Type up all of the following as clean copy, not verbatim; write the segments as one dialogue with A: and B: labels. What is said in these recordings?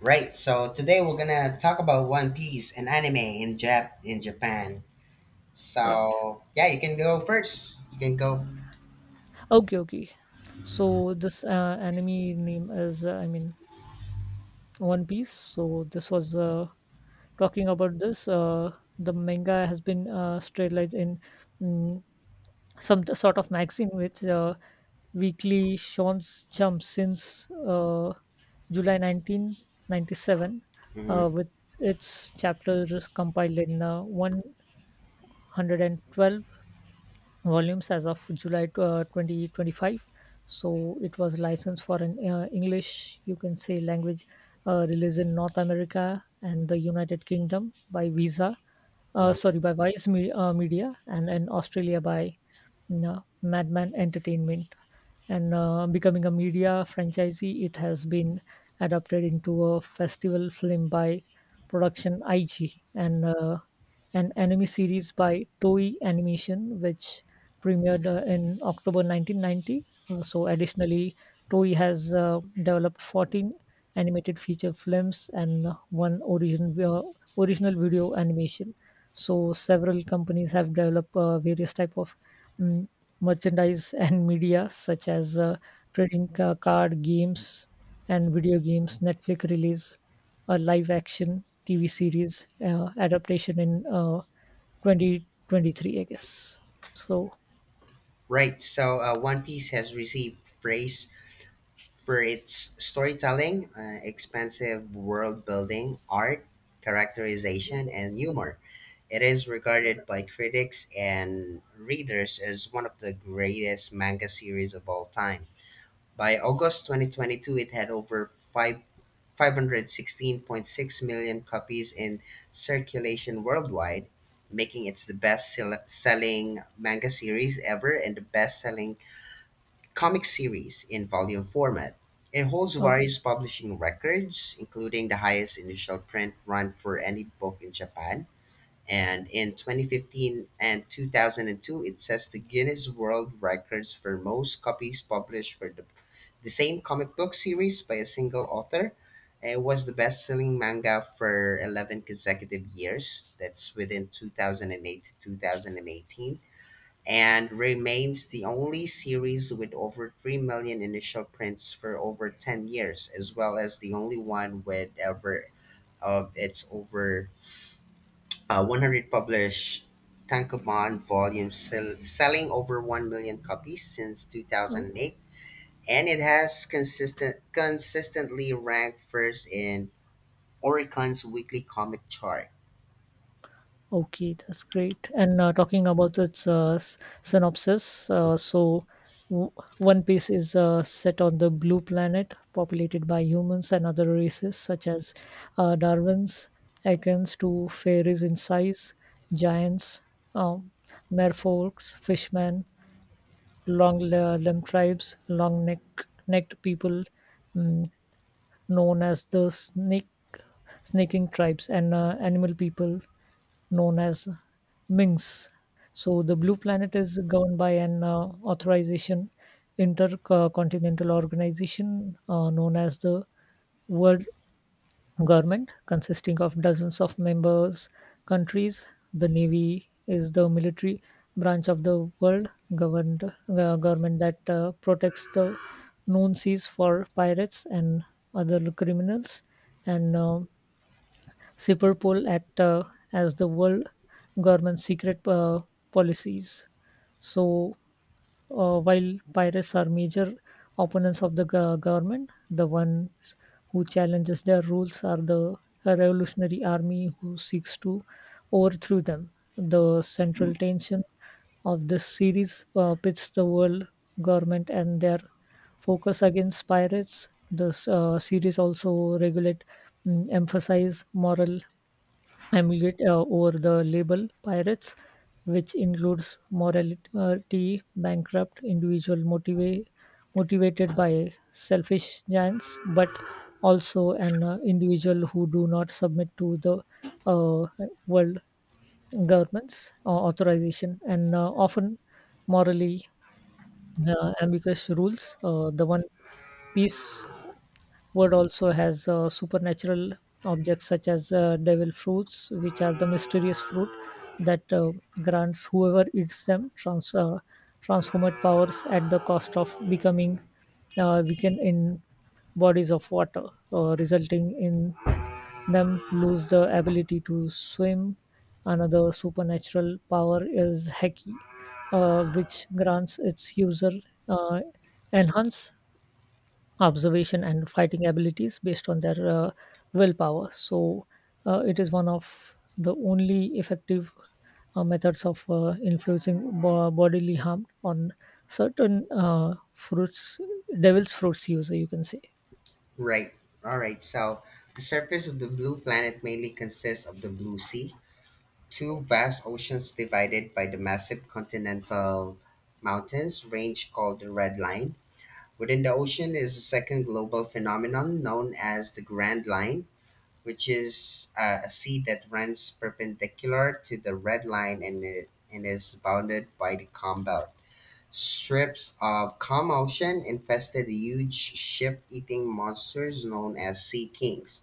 A: Right, so today we're gonna talk about One Piece and anime in Japan.
B: Right.
A: So yeah, you can go first. You can go.
B: Okay, okay. So this anime name is, One Piece. So this was talking about this. The manga has been serialized in mm, sort of magazine which weekly Shonen Jump since July 1997,
A: Mhm,
B: with its chapters compiled in 112 volumes as of July 2025. So it was licensed for an English, you can say, language release in North America and the United Kingdom by
A: mhm.
B: by Vice Media, and in Australia by Madman Entertainment. And becoming a media franchisee, it has been adapted into a festival film by production IG and an anime series by Toei Animation, which premiered in October 1990. Additionally, Toei has developed 14 animated feature films and uh, one original video animation. So, several companies have developed various type of mm, merchandise and media, such as trading card games and video games, Netflix release, a live action TV series adaptation in 2023, I guess. So,
A: Right, so One Piece has received praise for its storytelling, expansive world building, art, characterization, and humor. It is regarded by critics and readers as one of the greatest manga series of all time. By August 2022, it had over five 516.6 million copies in circulation worldwide, making it the selling manga series ever and the best selling comic series in volume format. It holds
B: uh,
A: various publishing records, including the highest initial print run for any book in Japan. And in 2015 and 2002, it sets the Guinness World Records for most copies published for the same comic book series by a single author. It was the best selling manga for 11 consecutive years. That's within 2008 to 2018. And remains the only series with over 3 million initial prints for over 10 years, as well as the only one with ever of its over 100 published Tankobon volumes selling over 1 million copies since
B: oh,
A: 2008, and it has consistently ranked first in Oricon's weekly comic chart.
B: okay, that's great. And talking about its synopsis, w- One Piece is set on the blue planet, populated by humans and other races such as Darwins, Ekans to fairies in size, giants, um, merfolks, fishmen, Long Lem tribes, long-necked neck necked people mm, known as the snaking tribes, and animal people known as minks. So the
A: Mm.
B: Blue Planet is governed by an authorization intercontinental organization known as the World government, consisting of dozens of members countries. The navy is the military branch of the world governed government that protects the known seas for pirates and other criminals. And Superpol act as the world government's secret policies. So while pirates are major opponents of the government, the ones who challenges their rules are the revolutionary army who seeks to overthrow them. The central tension of this series pits the world government and their focus against pirates. This series also regulate emphasize moral I'm yet over the label pirates, which includes morality bankrupt individual motivated by selfish giants, but also an individual who do not submit to the uh, world governments authorization and often morally ambiguous rules. The one piece Word also has supernatural objects such as devil fruits, which are the mysterious fruit that grants whoever eats them transformed powers at the cost of becoming weakened in bodies of water, resulting in them lose the ability to swim. Another supernatural power is Heki, which grants its user uh, enhance observation and fighting abilities based on their willpower. It is one of the only effective methods of influencing bodily harm on certain fruits, devil's fruits user, you can say.
A: Right. All right. So the surface of the blue planet mainly consists of the blue sea, two vast oceans divided by the massive continental mountains range called the Red Line. Within the ocean is a second global phenomenon known as the Grand Line, which is a sea that runs perpendicular to the red line, and is bounded by the calm belt. Strips of calm ocean infested huge ship eating monsters known as sea kings.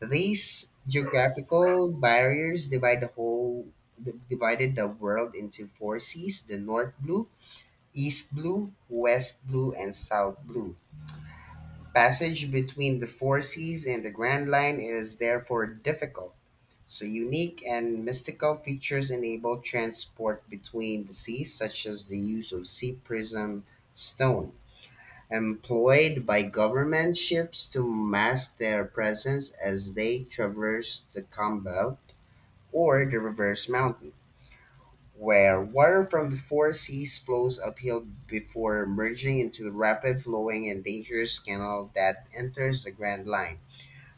A: These geographical barriers divided the world into four seas: the north blue, east blue, west blue, and south blue. Passage between the four seas and the grand line is therefore difficult, so unique and mystical features enable transport between the seas, such as the use of sea prism stone, employed by government ships to mask their presence as they traverse the calm belt, or the reverse mountain, where water from the four seas flows uphill before merging into a rapid flowing and dangerous canal that enters the Grand Line.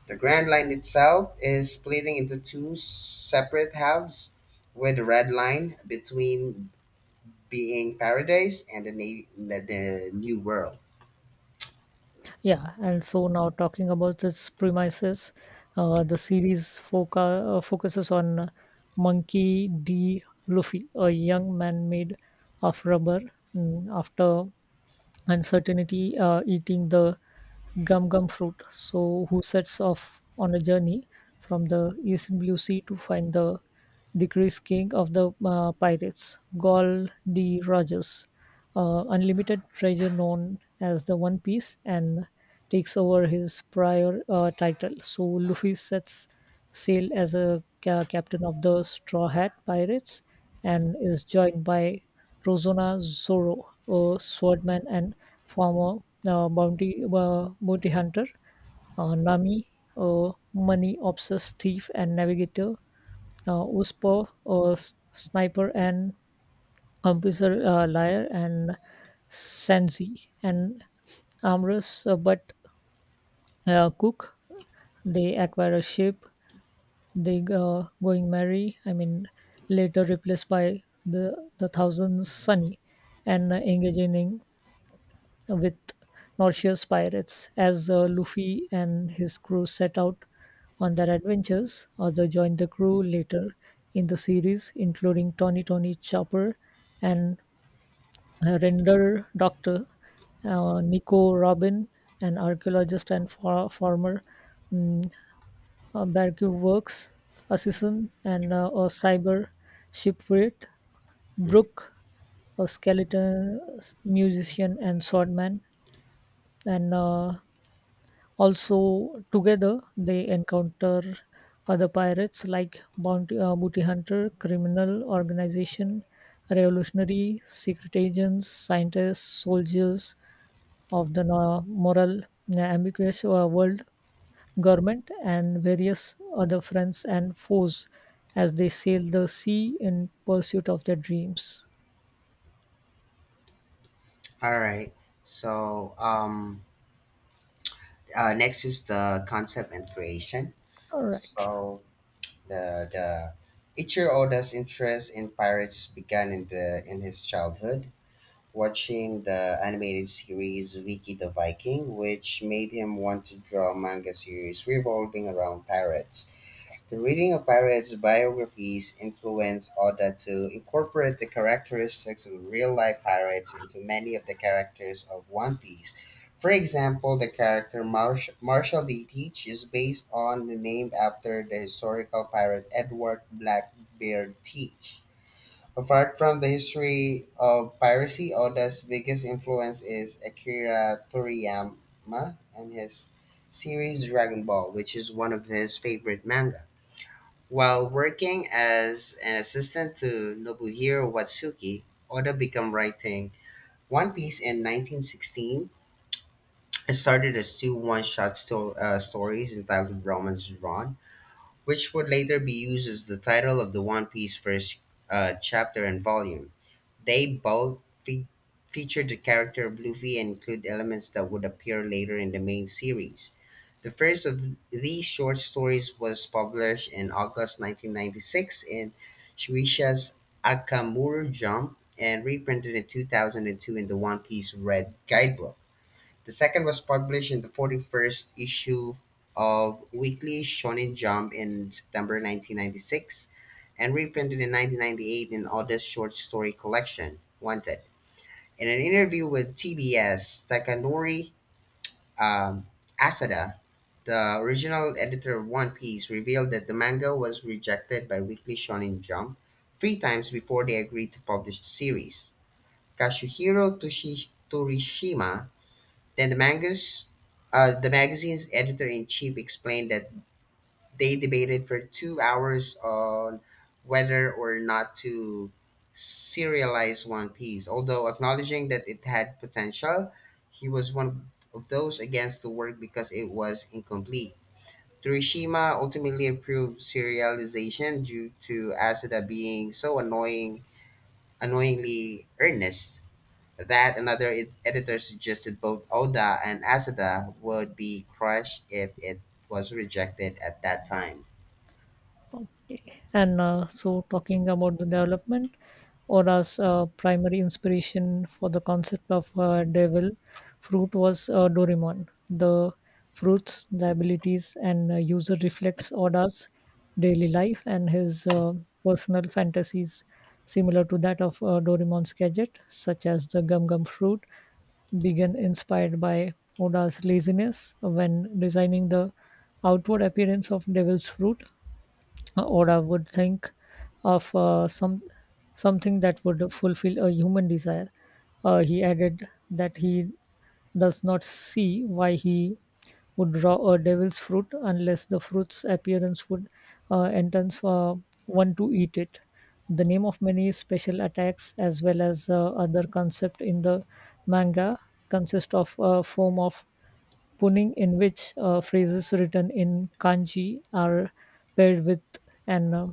A: The Grand Line itself is splitting into two separate halves, with the Red Line between, being paradise and the New World.
B: Yeah, and so now talking about its premises, the series focuses on Monkey D. Luffy, a young man made of rubber after uncertainty eating the gum gum fruit so who sets off on a journey from the East blue sea to find the decreased king of the pirates gall d rogers unlimited treasure known as the one piece and takes over his prior title so luffy sets sail as a captain of the straw hat pirates and is joined by Rosanna Zorro, a swordman and former uh, bounty hunter, Nami, a money obsessed thief and navigator, Uspo, a sniper and computer liar, and Sensi, an amorous but cook. They acquire a ship, they going marry, I mean, later replaced by the Thousand Sunny, and engaging in with noxious pirates. As Luffy and his crew set out on their adventures, others joined the crew later in the series, including Tony Tony Chopper and Render Doctor, Nico Robin, an archaeologist and former um, Barcube Works assistant, and a cyber shipwright,
A: Mm.
B: Brooke, a skeleton musician and swordman, and also together they encounter other pirates like bounty, booty hunter, criminal organization, revolutionary, secret agents, scientists, soldiers of the moral ambiguous world government, and various other friends and foes as they sail the sea in pursuit of their dreams.
A: All right. So um, Next is the concept and creation.
B: All right.
A: So the Ichiro Oda's interest in pirates began in his childhood, watching the animated series Viki the Viking, which made him want to draw manga series revolving around pirates. The reading of pirates' biographies influenced Oda to incorporate the characteristics of real life pirates into many of the characters of One Piece. For example, the character Marshall D. Teach is based on the name after the historical pirate Edward Blackbeard Teach. Apart from the history of piracy, Oda's biggest influence is Akira Toriyama and his series Dragon Ball, which is one of his favorite manga. While working as an assistant to Nobuhiro Watsuki, Oda began writing One Piece in 1916, and started as two one-shot stories entitled Romance Drawn, which would later be used as the title of the One Piece first chapter and volume. They both fe- feature the character of Luffy and include elements that would appear later in the main series. The first of these short stories was published in August 1996 in Shueisha's Akamuru Jump and reprinted in 2002 in the One Piece Red Guidebook. The second was published in the 41st issue of Weekly Shonen Jump in September 1996 and reprinted in 1998 in Oda's short story collection, Wanted. In an interview with TBS, Takanori um, Asada, the original editor of One Piece, revealed that the manga was rejected by Weekly Shonen Jump three times before they agreed to publish the series. Torishima, then the magazine's editor in chief, explained that they debated for 2 hours on whether or not to serialize One Piece. Although acknowledging that it had potential, he was one of those against the work because it was incomplete. Torishima ultimately approved serialization due to Asada being annoyingly earnest, that another editor suggested both Oda and Asada would be crushed if it was rejected at that time.
B: Okay. And talking about the development, Ora's primary inspiration for the concept of devil fruit was Doraemon. The fruits, the abilities, and user reflects Oda's daily life and his personal fantasies, similar to that of Doraemon's gadget, such as the gum gum fruit, began inspired by Oda's laziness when designing the outward appearance of devil's fruit or I would think of something that would fulfill a human desire. He added that he does not see why he would draw a devil's fruit unless the fruit's appearance would entice one to eat it. The name of many special attacks, as well as other concept in the manga, consist of a form of Puning, in which phrases written in kanji are paired with an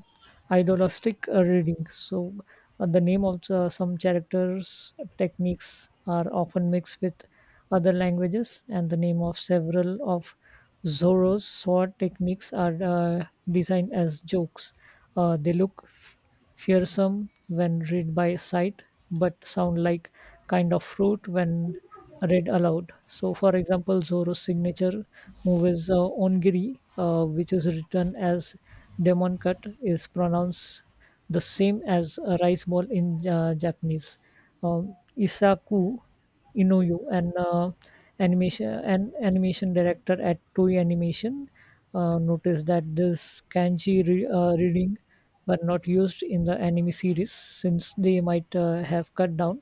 B: idolistic reading. The name of some characters' techniques are often mixed with other languages, and the name of several of Zoro's sword techniques are designed as jokes. They look fearsome when read by sight, but sound like kind of fruit when read aloud. So, for example, Zoro's signature move is Ongiri, which is written as Demon Cut, is pronounced the same as a rice ball in Japanese. Isaku Inoue, an animation an animation director at Toei Animation, noticed that this kanji reading were not used in the anime series since they might have cut down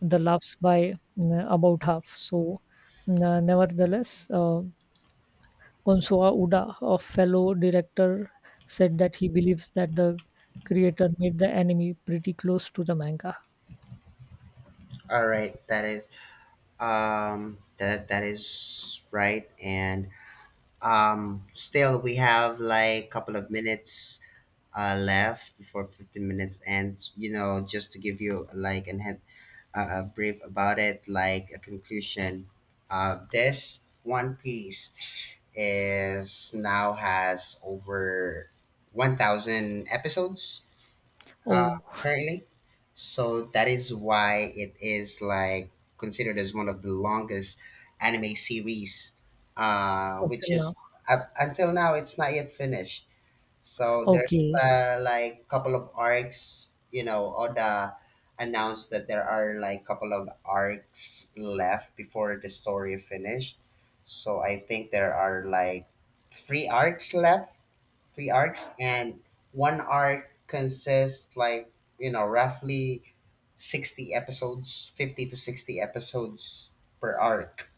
B: the laughs by about half. Nevertheless, Gonsoa Uda, a fellow director, said that he believes that the creator made the enemy pretty close to the manga.
A: All right, that is that is right, and still we have like a couple of minutes left before 15 minutes, and you know, just to give you like an head, a brief about it, like a conclusion. This one piece is now has over 1,000 episodes, uh,
B: Oh,
A: currently. So that is why it is like considered as one of the longest anime series,
B: up
A: which
B: till now.
A: is up until now, it's not yet finished. So there's
B: Okay.
A: like couple of arcs, you know, Oda announced that there are like couple of arcs left before the story finished. So I think there are like three arcs left, three arcs, and one arc consists like, you know, roughly 60 episodes, 50 to 60 episodes per arc.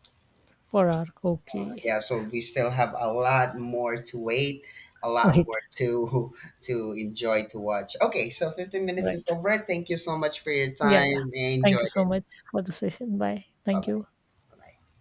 B: Per arc. Okay.
A: Yeah, so we still have a lot more to wait, a lot
B: Wait.
A: more to to enjoy, to watch. Okay, so 15 minutes is
B: Right.
A: over. Thank you so much for your
B: Yeah.
A: time. I
B: Thank you
A: enjoyed
B: so
A: it.
B: much for the session. Bye.
A: Bye
B: Thank
A: bye.
B: you.
A: Bye bye.